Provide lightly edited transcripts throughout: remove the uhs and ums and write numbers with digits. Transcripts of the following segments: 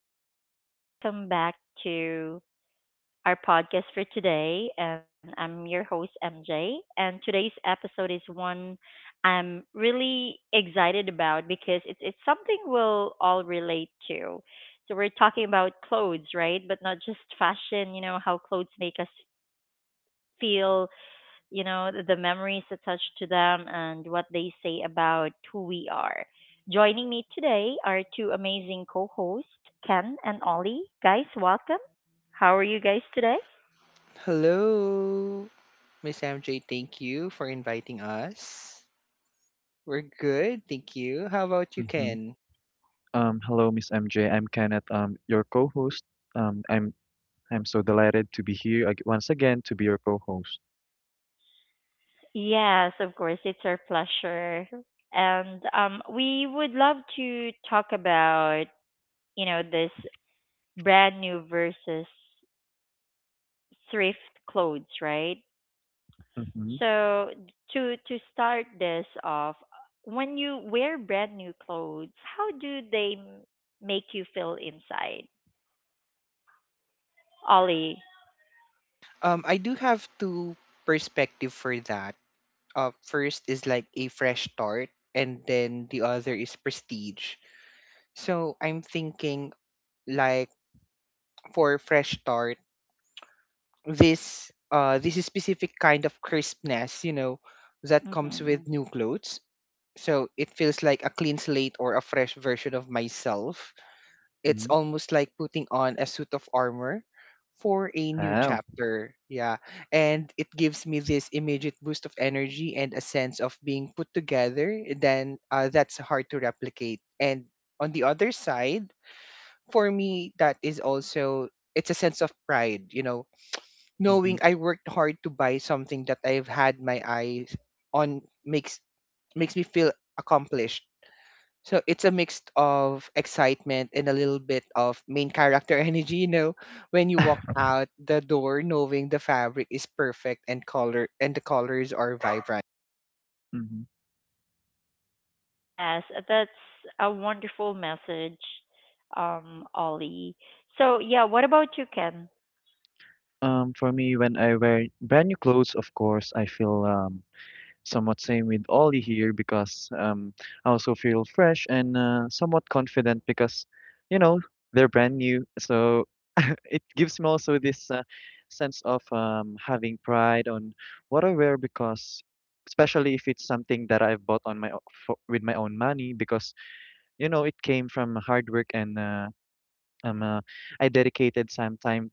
everyone. Welcome back to our podcast for today. And I'm your host, MJ. And today's episode is one I'm really excited about because it's something we'll all relate to. So, we're talking about clothes, right? But not just fashion, you know, how clothes make us feel, you know, the memories attached to them and what they say about who we are. Joining me today are two amazing co hosts, Ken and Ollie. Guys, welcome. How are you guys today? Hello, Miss MJ. Thank you for inviting us. We're good, thank you. How about you, Mhm. Ken? Hello, Miss MJ. I'm Kenneth, your co-host. Um, I'm I'm so delighted to be here ag once again to be your co-host. Yes, of course, it's our pleasure. And we would love to talk about, you know, this brand new versus thrift clothes, right? Mm-hmm. So to start this off, when you wear brand new clothes, how do make you feel inside, Ollie? I do have two perspective for that. First is like a fresh start, and then the other is prestige. So I'm thinking like for fresh start, this is specific kind of crispness, you know, that comes Hmm with new clothes. So it feels like a clean slate or a fresh version of myself. It's Mm-hmm. almost like putting on a suit of armor for a new Wow. chapter. Yeah. And it gives me this immediate boost of energy and a sense of being put together. Then that's hard to replicate. And on the other side, for me, that is also it's a sense of pride, you know, Mm-hmm. knowing I worked hard to buy something that I've had my eyes on makes makes me feel accomplished, so it's a mix of excitement and a little bit of main character energy, you know, when you walk out the door knowing the fabric is perfect and color and the colors are vibrant. hmm Yes, that's a wonderful message, Ollie. So yeah, what about you, Ken? For me, when I wear brand new clothes, of course, I feel somewhat same with Ollie here because I also feel fresh and somewhat confident because, you know, they're brand new. So it gives me also this sense of having pride on what I wear because, especially if it's something that I've bought for, with my own money because you know it came from hard work and um, uh, I dedicated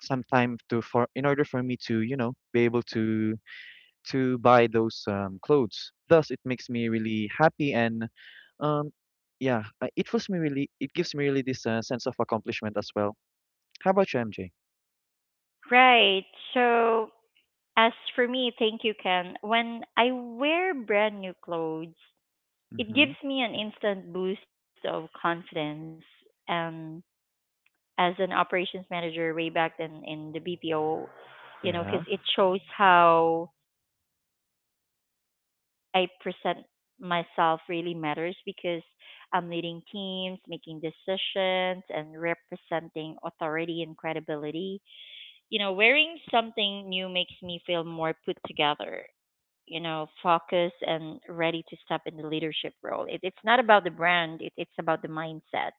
some time to for in order for me to, you know, be able to buy those clothes. Thus, it makes me really happy and um, yeah, it was me really. It gives me really this sense of accomplishment as well. How about you, MJ? Right. So as for me, thank you, Ken. When I wear brand new clothes, it Mm-hmm. gives me an instant boost of confidence and as an operations manager way back then in the BPO, you know, because Yeah, it shows how I present myself really matters because I'm leading teams, making decisions, and representing authority and credibility. You know, wearing something new makes me feel more put together, you know, focused and ready to step in the leadership role. It's not about the brand, it's about the mindset.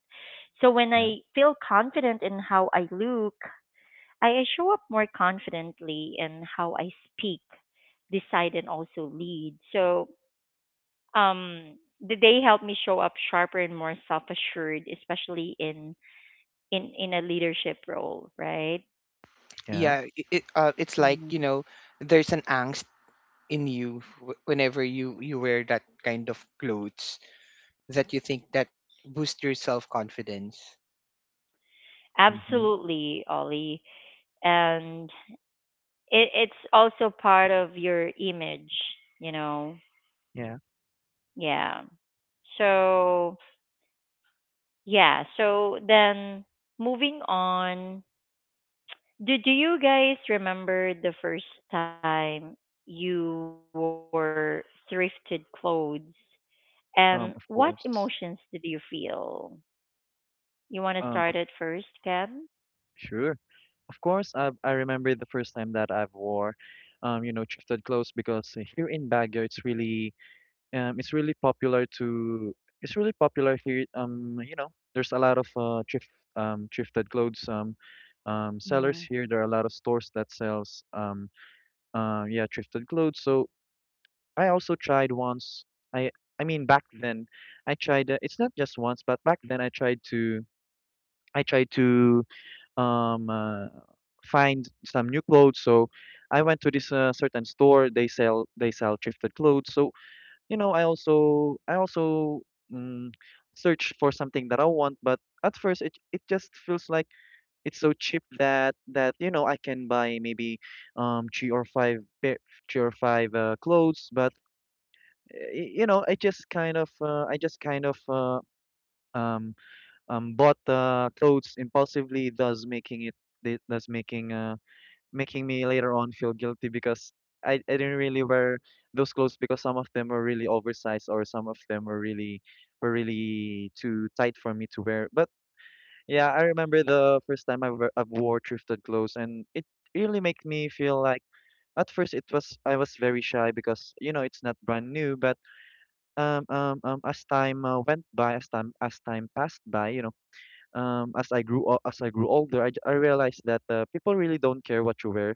So when yeah, I feel confident in how I look, I show up more confidently in how I speak, decide, and also lead. So um, they help me show up sharper and more self-assured, especially in a leadership role, right? yeah. Yeah, it's like, you Mm. know, there's an angst in you whenever you wear that kind of clothes that you think that boost your self-confidence. Mm-hmm. Absolutely, Ollie, and it's also part of your image, you know. Yeah. Yeah. So yeah. So then moving on. Do you guys remember the first time you were thrifted clothes and what Of emotions did you course. feel? You want to start it first, Um, of, Ken? sure. Of course. I remember the first time that I've wore, you know, thrifted clothes because here in Baguio it's really popular to it's really popular here. You know, there's a lot of thrifted clothes Mm, sellers here. There are a lot of stores that sells yeah, thrifted clothes. So I also tried once. I I mean back then I tried. It's not just once, but back then I tried to um, uh, find some new clothes. So I went to this certain store. They sell thrifted clothes. So you know, I also mm, search for something that I want, but at first it just feels like it's so cheap that you know I can buy maybe three or five pair, three or five clothes, but you know I just kind of um bought the clothes impulsively, thus making thus making uh making me later on feel guilty because I didn't really wear those clothes because some of them were really oversized or some of them were really too tight for me to wear. But yeah, I remember the first time I wore thrifted clothes and it really made me feel like at first it was I was very shy because you know it's not brand new, but as time went by, as time passed by, you know, as as I grew older, I realized that people really don't care what you wear.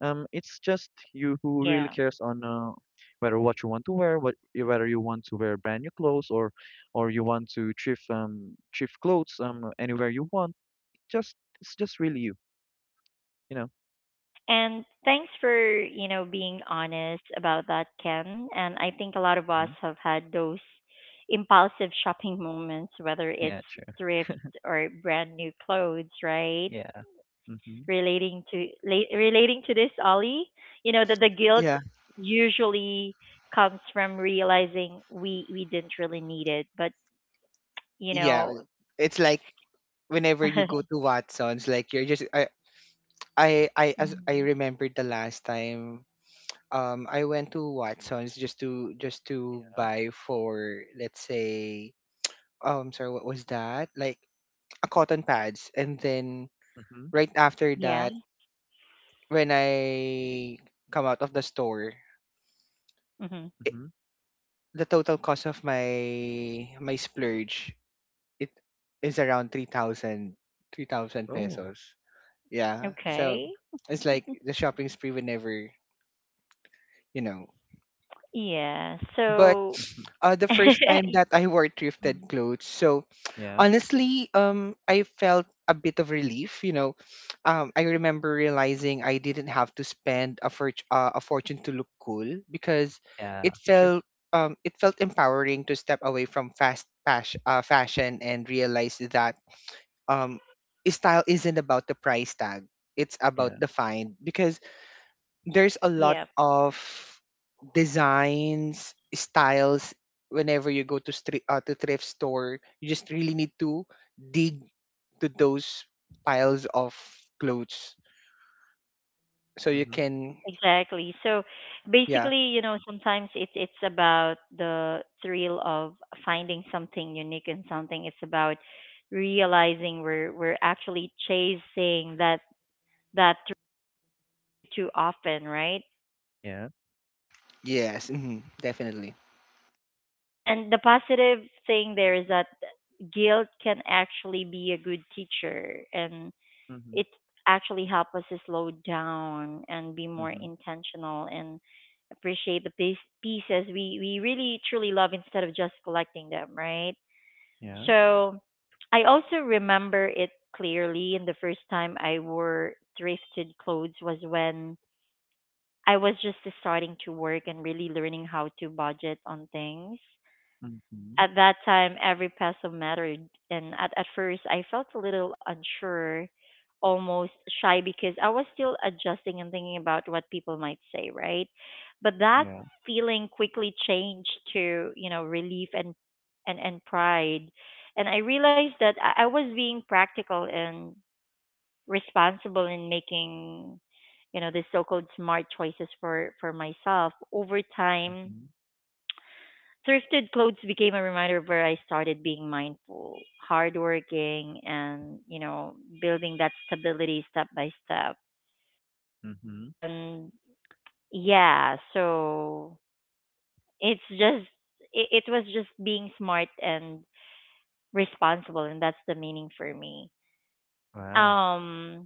It's just you yeah. who really cares on whether what you want to wear, what whether you want to wear brand new clothes or you want to thrift clothes anywhere you want. Just It's just really you, you know. And thanks for, you know, being honest about that, Ken. And I think a lot of us have Mhm. had those impulsive shopping moments, whether it's Yeah, sure. thrift or brand new clothes, right? Yeah. Mm-hmm. Relating to relating to this, Ollie. You know that the guilt Yeah. usually comes from realizing we didn't really need it, but you Yeah, know, it's like whenever you go to Watson's, like you're just I, as I Mhm. remembered the last time, I went to Watson's just to buy for, let's say, sorry, what was that, like a cotton pads, and then Mm-hmm. right after Yeah. that, when I come out of the store, hmm I Mm-hmm. the total cost of my my splurge, it is around three thousand Oh. pesos. Yeah, so Okay. it's like the shopping spree would never, you know. Yeah. But So, Mm-hmm. The first time that y- I wore thrifted mm, clothes. So Yeah. honestly, I felt a bit of relief. You know, I remember realizing I didn't have to spend a, a fortune to look cool because Yeah. it True. felt it felt empowering to step away from fast fashion and realize that um, style isn't about the price tag; it's about Yeah. the find. Because there's a yeah. lot of designs, styles whenever you go to street to thrift store. You just really need to dig to those piles of clothes so you Mm-hmm. can. Exactly. So Yeah. basically, you know, sometimes it's about the thrill of finding something unique and something. It's about realizing we're actually chasing that that thrill too often, right? Yeah. Yes. Hmm, definitely. And the positive thing there is that guilt can actually be a good teacher and Mm-hmm. it actually helps us to slow down and be more Mm-hmm. intentional and appreciate the pieces we really truly love instead of just collecting them, right? Yeah. So I also remember it clearly. And the first time I wore thrifted clothes was when I was just starting to work and really learning how to budget on things. Mm-hmm. At that time, every peso mattered, and at first, I felt a little unsure, almost shy, because I was still adjusting and thinking about what people might say, right? But that Yeah. feeling quickly changed to, you know, relief and and pride, and I realized that I was being practical and responsible in making, you know, the so-called smart choices for myself over time. Mm-hmm. Thrifted clothes became a reminder where I started being mindful, hardworking, and, you know, building that stability step by step. Mm-hmm. And yeah, so it's just, it was just being smart and responsible, and that's the meaning for me. Wow. Um,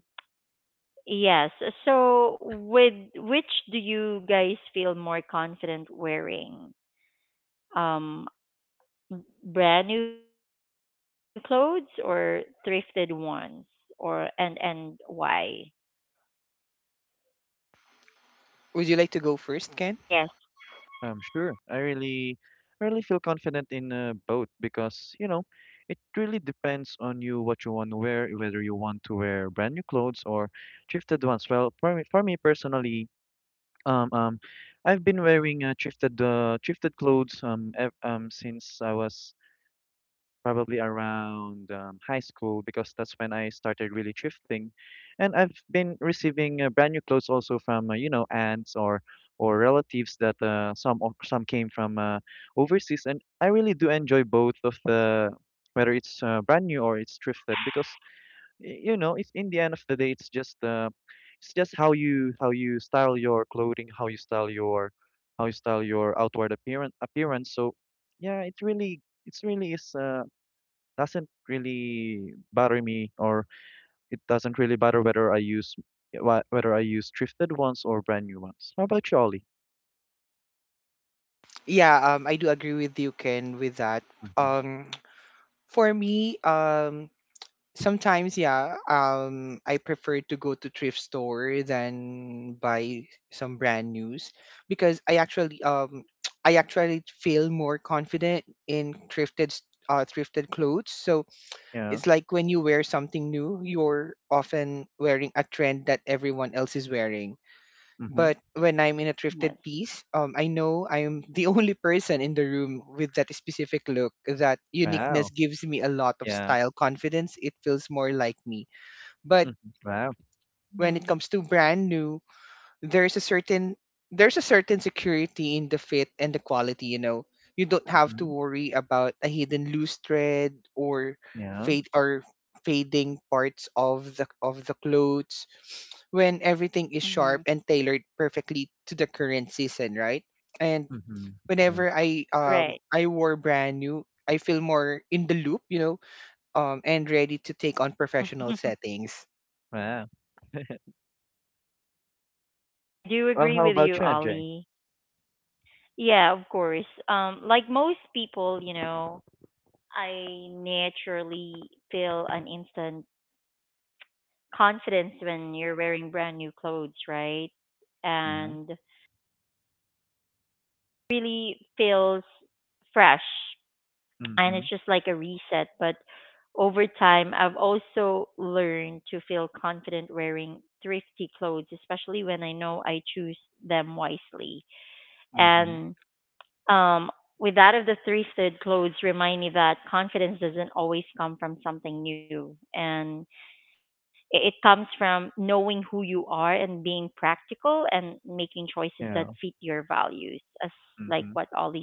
yes. So, with which do you guys feel more confident wearing? Um, brand new clothes or thrifted ones or and why? Would you like to go first, Ken? Yes, Sure. I really feel confident in both because, you know, it really depends on you what you want to wear, whether you want to wear brand new clothes or thrifted ones. Well, for me personally, um, um, I've been wearing thrifted clothes ev since I was probably around high school because that's when I started really thrifting, and I've been receiving brand new clothes also from you know, aunts or relatives that some came from overseas, and I really do enjoy both of the whether it's brand new or it's thrifted because you know it's in the end of the day it's just how you style your clothing, how you style your outward appearance. So yeah, it's really is. Doesn't really bother me or it doesn't really bother whether whether I use thrifted ones or brand new ones. How about you, Ollie? Yeah, I do agree with you, Ken, with that. Hmm um for me, sometimes, yeah, I prefer to go to thrift store than buy some brand news because I actually I actually feel more confident in thrifted clothes. So Yeah. it's like when you wear something new, you're often wearing a trend that everyone else is wearing. hmm But when I'm in a yes. thrifted piece, I know I'm the only person in the room with that specific look. That uniqueness Wow. gives me a lot of Yeah. style confidence. It feels more like me. But hmm Wow. Mm-hmm. when it comes to brand new, there's a certain there's a certain security in the fit and the quality, you know. You don't have to hmm worry about a hidden loose thread or Yeah. fade or fading parts of the clothes when everything is Mm-hmm. sharp and tailored perfectly to the current season, right? And hmm True. whenever i Right. um i wore brand new, I feel more in the loop, you know, and ready to take on professional settings. Wow. I do Well, agree how with about you, you, MJ? Ollie. Yeah, of course. Like most people, you know, I naturally feel an instant confidence when you're wearing brand new clothes, right? Yeah. And really feels fresh and Mm-hmm. it's just like a reset. But over time, I've also learned to feel confident wearing thrifty clothes, especially when I know I choose them wisely. Mm-hmm. And um, with that of the thrifted clothes, remind me that confidence doesn't always come from something new, and it comes from knowing who you are and being practical and making choices that fit Yeah. your values, as like what Mm-hmm. Ollie said.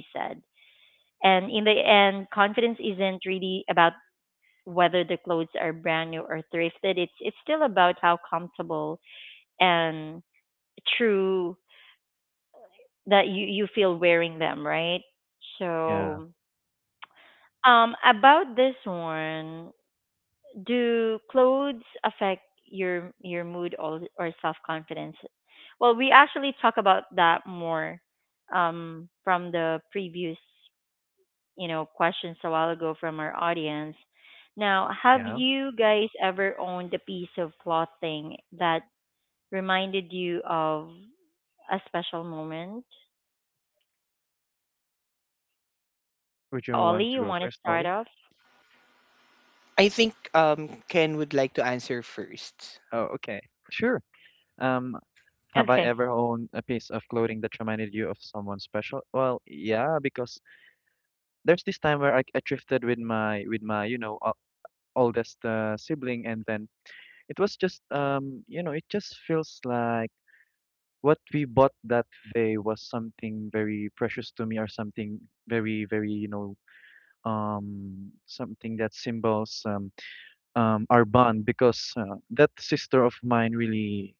And in the end, confidence isn't really about whether the clothes are brand new or thrifted, it's still about how comfortable and true that you feel wearing them, right? So, Yeah. About this one, do clothes affect your mood or self confidence? Well, we actually talk about that more from the previous you know, questions a while ago from our audience. Now, have Yeah. you guys ever owned a piece of clothing that reminded you of a special moment? Would you Yeah, want to Ollie, go you want first, to Ollie? start off? I think Ken would like to answer first. Oh, okay. Sure. Um, Have I ever Okay. owned a piece of clothing that reminded you of someone special? Well, yeah, because there's this time where I drifted with my, you know, oldest sibling, and then it was just you know it just feels like what we bought that day was something very precious to me or something very very, you know, something that symbols our bond because that sister of mine really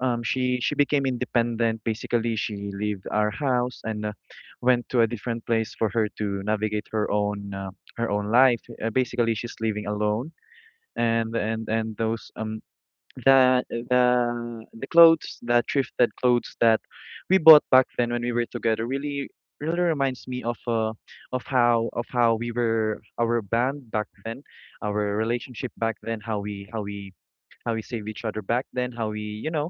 she became independent. Basically, she left our house and went to a different place for her to navigate her own life. Basically, she's living alone, and those the the the clothes, the thrifted clothes that we bought back then when we were together, really really reminds me of how we were our band back then, our relationship back then, how we saved each other back then, how we you know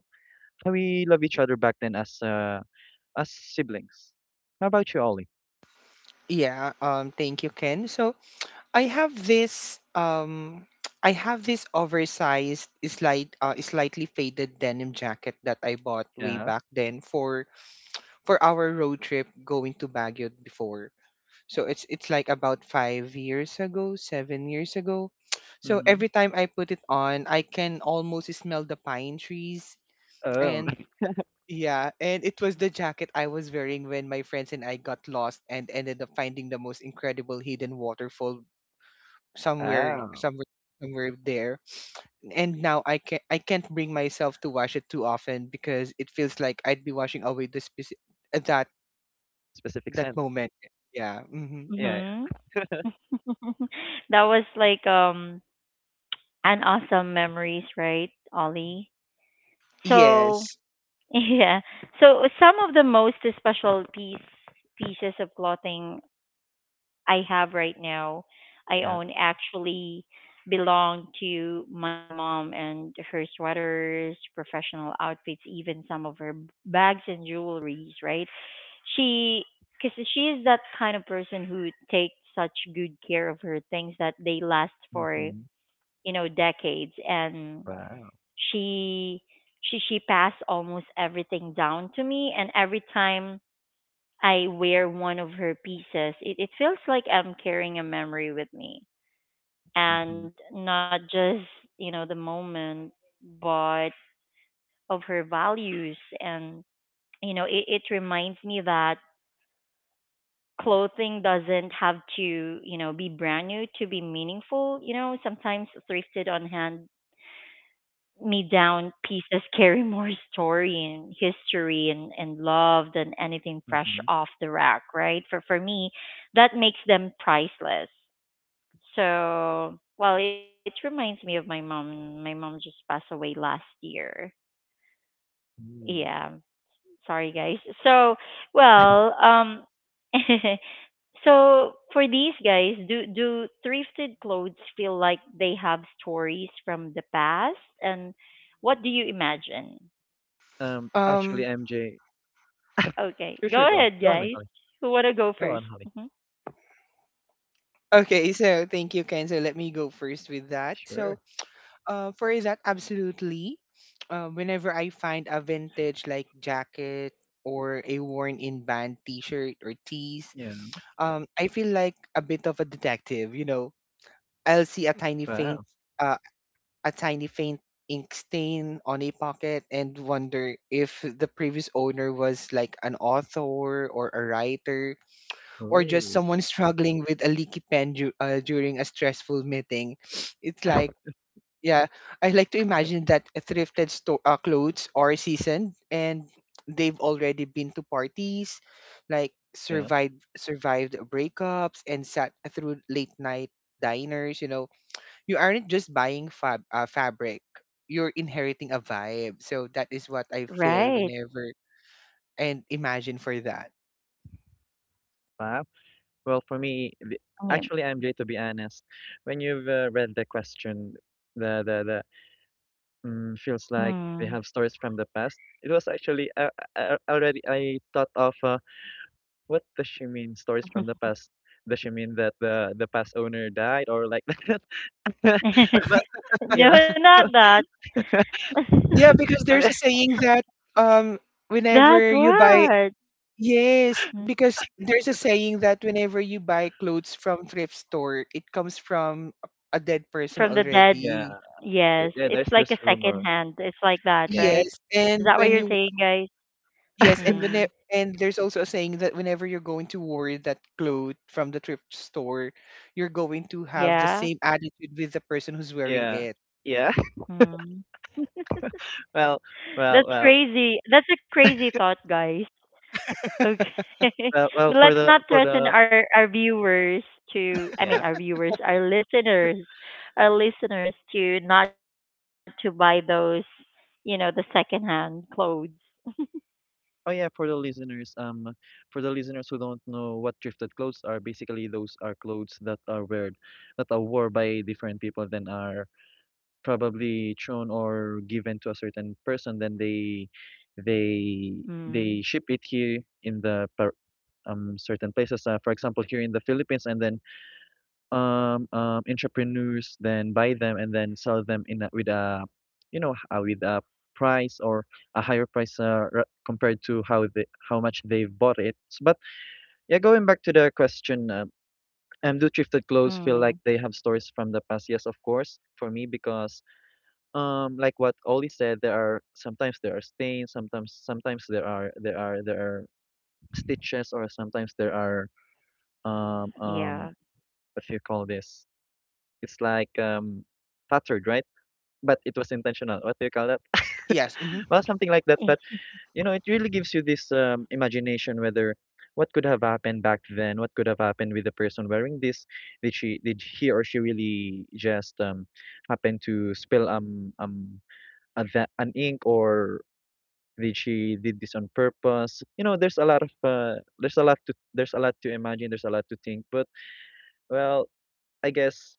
and we love each other back then as siblings. How about you, Ollie? Yeah, thank you, Ken. So I have this I have this oversized slightly faded denim jacket that I bought way Yeah. back then for our road trip going to Baguio before. So it's like about five years ago, seven years ago. So Mm-hmm. every time I put it on, I can almost smell the pine trees, Oh, and yeah, and it was the jacket I was wearing when my friends and I got lost and ended up finding the most incredible hidden waterfall somewhere wow. somewhere somewhere there. And now I can I can't bring myself to wash it too often because it feels like I'd be washing away the specific that Specific that scent. moment. Yeah. Hmm. Yeah. Yeah. Mhm. That was like an awesome memories, right, Ollie? So Yes. yeah. So some of the most special pieces of clothing I have right now, I Yeah. own actually belong to my mom and her sweaters, professional outfits, even some of her bags and jewelries, right? She, because she is that kind of person who takes such good care of her things that they last for, Mm-hmm. you know, decades. And Wow. she, she passed almost everything down to me. And every time I wear one of her pieces, it feels like I'm carrying a memory with me Mm-hmm. and not just, you know, the moment, but of her values. And, you know, it reminds me that clothing doesn't have to, you know, be brand new to be meaningful. You know, sometimes thrifted on hand me down pieces carry more story and history and love than anything fresh Mm-hmm. off the rack, right? For me, that makes them priceless. So well, it reminds me of my mom. My mom just passed away last year. Ooh. Yeah. Sorry guys. So well, so for these guys, do thrifted clothes feel like they have stories from the past and what do you imagine? Actually, Um MJ. Okay, Sure, sure. go Go on. ahead, Go on, guys. Ollie. Who wanna go Go on, 1st? Holly. Mm-hmm. okay, so thank you, Ken. So let me go first with that. Sure. So for that, absolutely. Whenever I find a vintage like jacket or a worn-in band T-shirt or tees, Yeah. I feel like a bit of a detective. You know, I'll see a tiny Wow. faint, uh, a tiny faint ink stain on a pocket and wonder if the previous owner was like an author or a writer or just Cool. someone struggling with a leaky pen during a stressful meeting. It's like yeah, I like to imagine that a thrifted store clothes are seasoned and they've already been to parties, like Yeah. survived breakups and sat through late night diners. You know, you aren't just buying fabric; you're inheriting a vibe. So that is what I feel Right. whenever and imagine for that. Wow. Well, actually, Yeah. MJ, to be honest, when you've read the question, the the the feels like we have Mm. stories from the past. It was actually already I thought of what does she mean stories from the past? Does she mean that the past owner died or like that? But you know, No, not that. Yeah, because there's I- a saying that um whenever That you buy what? Yes, Mm. because there's a saying that whenever you buy clothes from thrift store, it comes from a dead person From the dead. yeah, already. Yes, yeah. it's There's like this a second rumor. hand. It's like that, Yeah, right? Yes, Is and that what when you're you saying, guys? yes, and when Hmm. it, and there's also a saying that whenever you're going to wear that cloth from the thrift store, you're going to have the same Yeah. attitude with the person who's wearing yeah, it. yeah. Hmm. Well, well, That's well, crazy. That's a crazy thought, guys. Okay. Well. But let's not For threaten the our viewers to I mean yeah. our viewers, our listeners to not to buy those, you know, the secondhand clothes. Oh yeah, for the listeners who don't know what thrifted clothes are, basically those are clothes that are worn by different people, then are probably thrown or given to a certain person, then they, Mm. they ship it here in the certain places. For example, here in the Philippines, and then entrepreneurs then buy them and then sell them in with you know, with a price or a higher price compared to how they, how much they've bought it. But yeah, going back to the question, do thrifted clothes feel like Mm. they have stories from the past? Yes, of course, for me because like what Ollie said, there are sometimes there are stains, sometimes there are stitches, or sometimes there are um um Yeah. what do you call this. It's like cluttered, right? But it was intentional. What do you call that? Yes. Hmm. Well, something like that. But you know, it really gives you this imagination, whether what could have happened back then, what could have happened with the person wearing this. Did he or she really just happen to spill an ink, or did she did this on purpose? You know, there's a lot of there's a lot to there's a lot to imagine, there's a lot to think. But well, I guess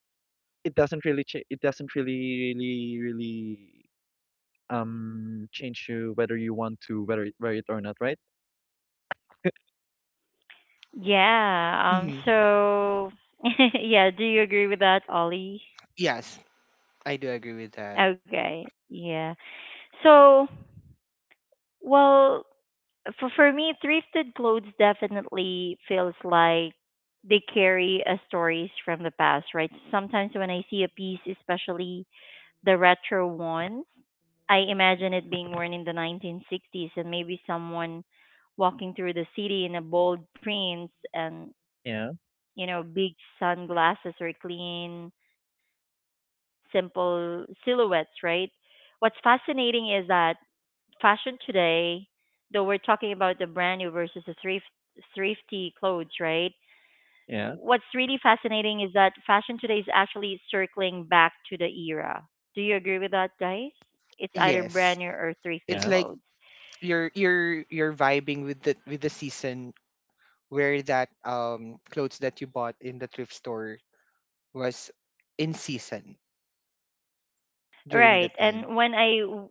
it doesn't really change you whether you want to wear it or not, right? Yeah. Hmm. So yeah, do you agree with that, Ollie? Yes, I do agree with that. Okay. Yeah. So, well, for me, thrifted clothes definitely feels like they carry a stories from the past, right? Sometimes when I see a piece, especially the retro ones, I imagine it being worn in the 1960s and maybe someone walking through the city in a bold prints and Yeah, you know big sunglasses or clean simple silhouettes, right? What's fascinating is that fashion today, though we're talking about the brand new versus the thrifty clothes, right? yeah, What's really fascinating is that fashion today is actually circling back to the era. Do you agree with that, guys? It's either Yes. brand new or thrifty It's yeah. like clothes. you're vibing Mm. With the season where that clothes that you bought in the thrift store was in season during Right. that time. And when I w-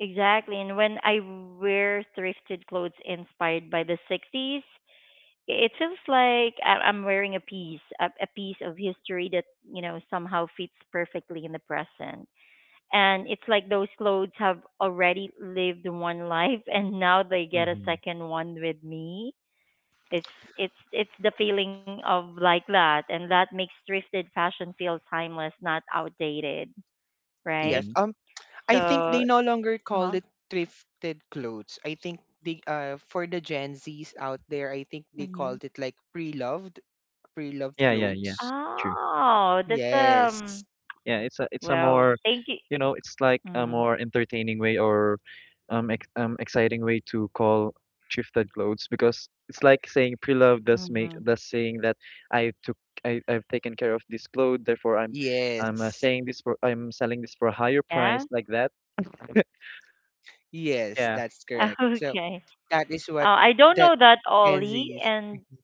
exactly, and when I wear thrifted clothes inspired by the 60s, it feels like I'm wearing a piece, a piece of history that you know somehow fits perfectly in the present. And it's like those clothes have already lived one life, and now they get a Mm-hmm. second one with me. It's it's the feeling of like that, and that makes thrifted fashion feel timeless, not outdated, right? Yes. Mm-hmm. I think So, they no longer huh? call it thrifted clothes. I think they for the Gen Zs out there, I think they hmm called it like pre-loved Yeah, yeah, yeah. clothes. True. Oh, that's Yes. um. Yeah, it's a Well, more, thank you. you know, it's like a Mm. more entertaining way or ex exciting way to call thrifted clothes because it's like saying pre-loved, Mm-hmm. thus saying that I took I've taken care of this clothes, therefore I'm Yes. saying this for I'm selling this for a higher Yeah. price like that. Yes, Yeah, that's correct. So Okay. that is what I don't that know that Gen Ollie Zs. and Mm-hmm.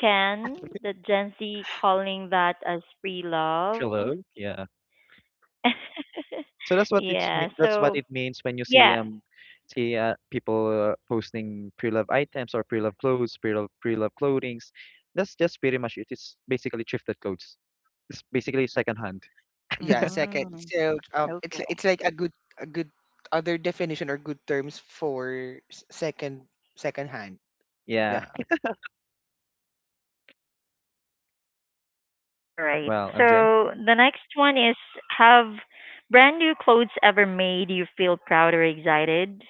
Ken, the Gen Z calling that as free love. pre-loved. Yeah. Yeah. So that's what So that's what it yeah. means when you see people posting pre-loved items or pre-loved clothes, pre-loved clothings. That's just pretty much it. It's basically thrifted clothes. It's basically secondhand. Yeah, Mm, second. So okay. it's it's like a good other definition or good terms for second second hand. Yeah. Yeah. All right. Well, MJ. So the next one is have brand new clothes ever made you feel proud or excited?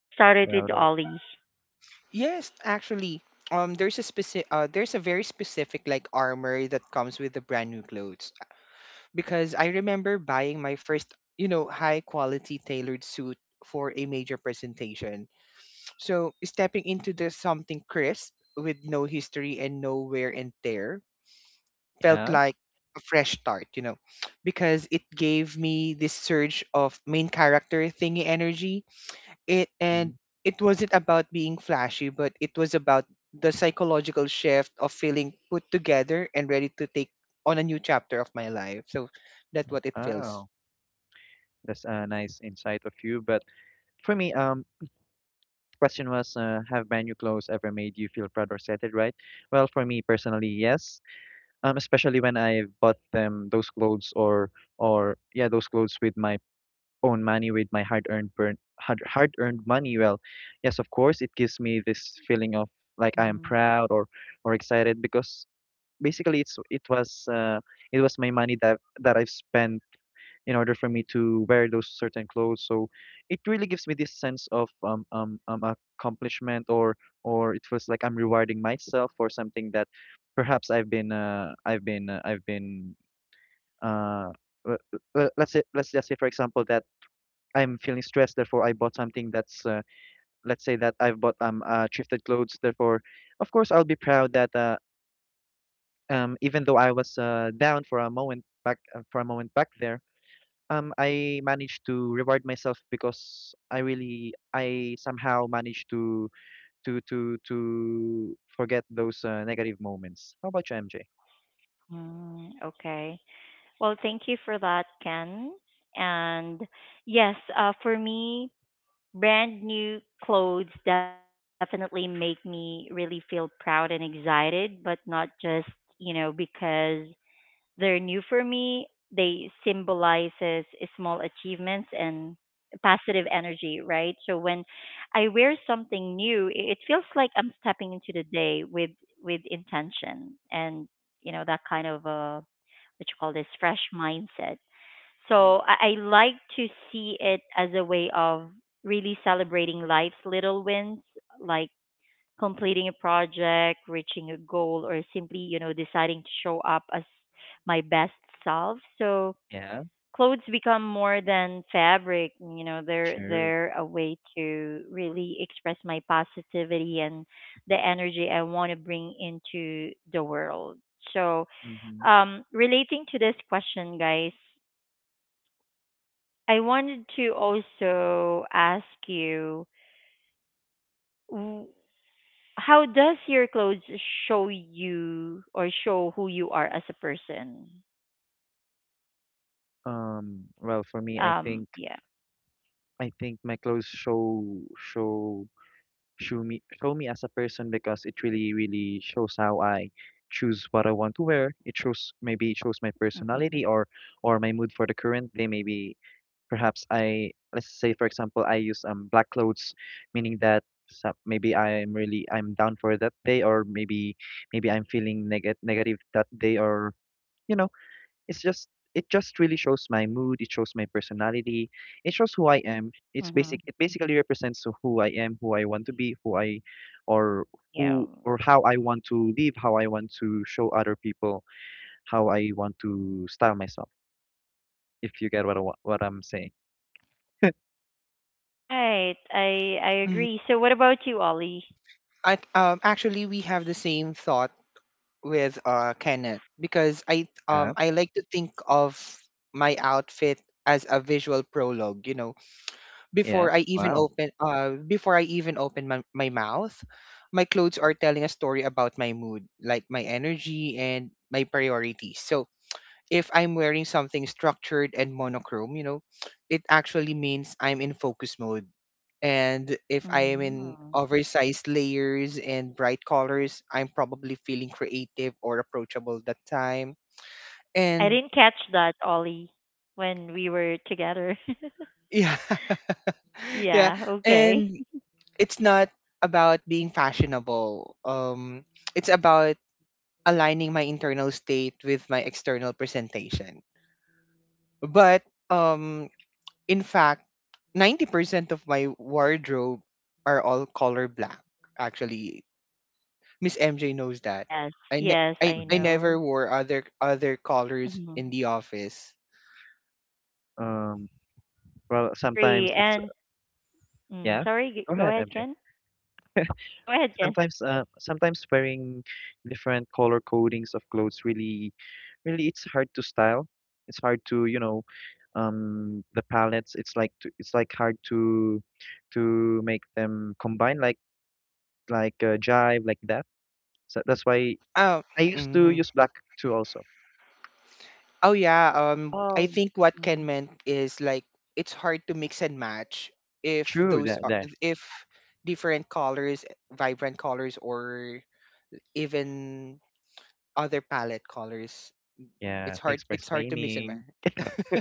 Let's start it Well, with though, Ollie. Yes, actually, there's a very specific like armor that comes with the brand new clothes because I remember buying my first, you know, high quality tailored suit for a major presentation. So stepping into the something crisp with no history and no wear and tear felt yeah. like a fresh start, you know, because it gave me this surge of main character thingy energy. It and Mhm. it wasn't about being flashy, but it was about the psychological shift of feeling put together and ready to take on a new chapter of my life. So that's what it feels. Oh, that's a nice insight of you. But for me, question was, have brand new clothes ever made you feel proud or excited, right? Well, for me personally, yes. Especially when I bought them those clothes or yeah those clothes with my own money, with my hard-earned money. Well, yes, of course it gives me this feeling of like I am Mm, proud or excited because basically it was my money that I've spent in order for me to wear those certain clothes, so it really gives me this sense of accomplishment, or it feels like I'm rewarding myself for something that perhaps I've been I've been I've been uh, le- le- let's say let's just say for example that I'm feeling stressed, therefore I bought something that's let's say that I've bought thrifted clothes. Therefore, of course, I'll be proud that even though I was down for a moment back for a moment back there, I managed to reward myself because I somehow managed to forget those negative moments. How about you, MJ? Okay. Well, thank you for that, Ken. And yes, for me, brand new clothes definitely make me really feel proud and excited, but not just, you know, because they're new for me. They symbolizes small achievements and positive energy, right? So when I wear something new, it feels like I'm stepping into the day with intention and you know that kind of what you call this fresh mindset. So I like to see it as a way of really celebrating life's little wins, like completing a project, reaching a goal, or simply, you know, deciding to show up as my best self. So Yeah, clothes become more than fabric, you know, they're sure. they're a way to really express my positivity and the energy I want to bring into the world. So Mm-hmm. Relating to this question, guys, I wanted to also ask you, w- how does your clothes show you or show who you are as a person? Well, for me, Yeah. I think my clothes show me as a person because it really really shows how I choose what I want to wear. It shows maybe it Mhm. shows my personality or my mood for the current day. Maybe perhaps I let's say for example I use black clothes, meaning that some, maybe I'm down for that day, or maybe maybe I'm feeling negative that day, or you know it's just it just really shows my mood, it shows my personality, it shows who I am. Mhm. It basically represents who I am, who I want to be, or Yeah. who or how I want to live, how I want to show other people, how I want to style myself. If you get what what I'm saying. Right. I Mm, agree. So what about you, Ollie? I actually, we have the same thought with Kenneth because Yeah. I like to think of my outfit as a visual prologue, you know, Yeah. before I even Wow. Open my, my mouth, my clothes are telling a story about my mood, like my energy and my priorities. So if I'm wearing something structured and monochrome, you know, it actually means I'm in focus mode. And if I am in Mhm. oversized layers and bright colors, I'm probably feeling creative or approachable that time. I And didn't catch that, Ollie, when we were together. yeah, yeah. Yeah, okay. And it's not about being fashionable. It's about aligning my internal state with my external presentation. But um, in fact, 90% of my wardrobe are all color black. Actually, Miss MJ knows that. Yes, I, yes, I I hmm know. never wore other other colors Mhm. in the office. Um well, sometimes Agree. it's And mm, yeah. sorry, Go go ahead, ahead, MJ. Ken. Go ahead, Ken. Sometimes wearing different color codings of clothes really really it's hard to style. It's hard to, you know, the palettes, it's like hard to make them combine like jive like that. So that's why Um, I used to use black too also. Oh yeah, I Oh, think what Ken mm. meant is like it's hard to mix and match if True, those that are there. if different colors, vibrant colors, or even other palette colors. Yeah, It's hard thanks for it's hard to mix and explaining. match.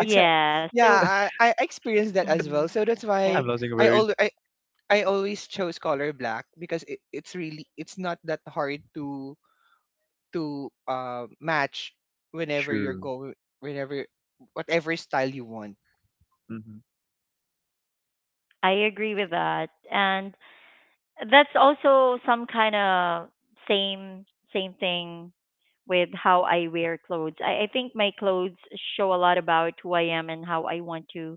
It's hard. Yeah. So, Yeah, I mm, experienced that as well. So okay, that's why I'm losing I words. al I, I always chose color black because it's really it's not that hard to to match whenever you're True. going, whenever, whatever style you want. Mm-hmm. I agree with that, and that's also some kind of same same thing with how I wear clothes. I think my clothes show a lot about who I am and how I want to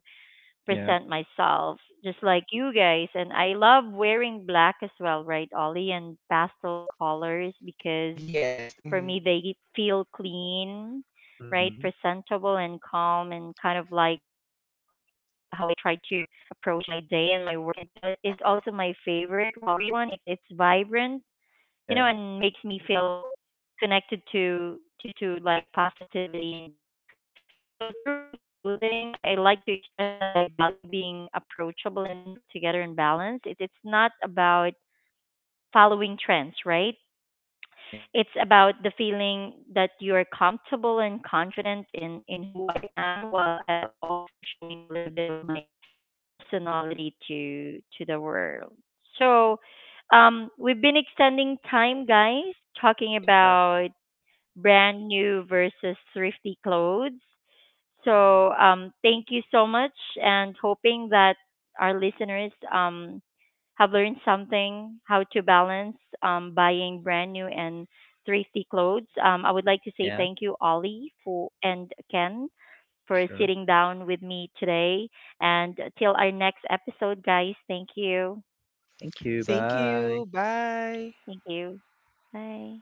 Yeah. present myself, just like you guys. And I love wearing black as well, right, Ollie, and pastel colors because Yes. for Mhm. me, they feel clean, right? Mm-hmm. Presentable and calm, and kind of like how I try to approach my day and my work. And green is also my favorite one. It's vibrant, you know, Yeah. and makes me feel connected to like positivity and growth. So through my clothing, I like to express that I value being approachable and put together and balanced. It's not about following trends, right? Yeah. It's about the feeling that you're comfortable and confident in who I am while I'll also showing a little bit of my personality to the world. So we've been extending time guys talking Yeah. about brand new versus thrifty clothes so thank you so much, and hoping that our listeners have learned something how to balance buying brand new and thrifty clothes. I would like to Yeah. say thank you, Ollie, for and Ken for Sure. sitting down with me today. And till our next episode, guys, thank you. Thank you. Thank Bye. you. Bye. Thank you. Bye.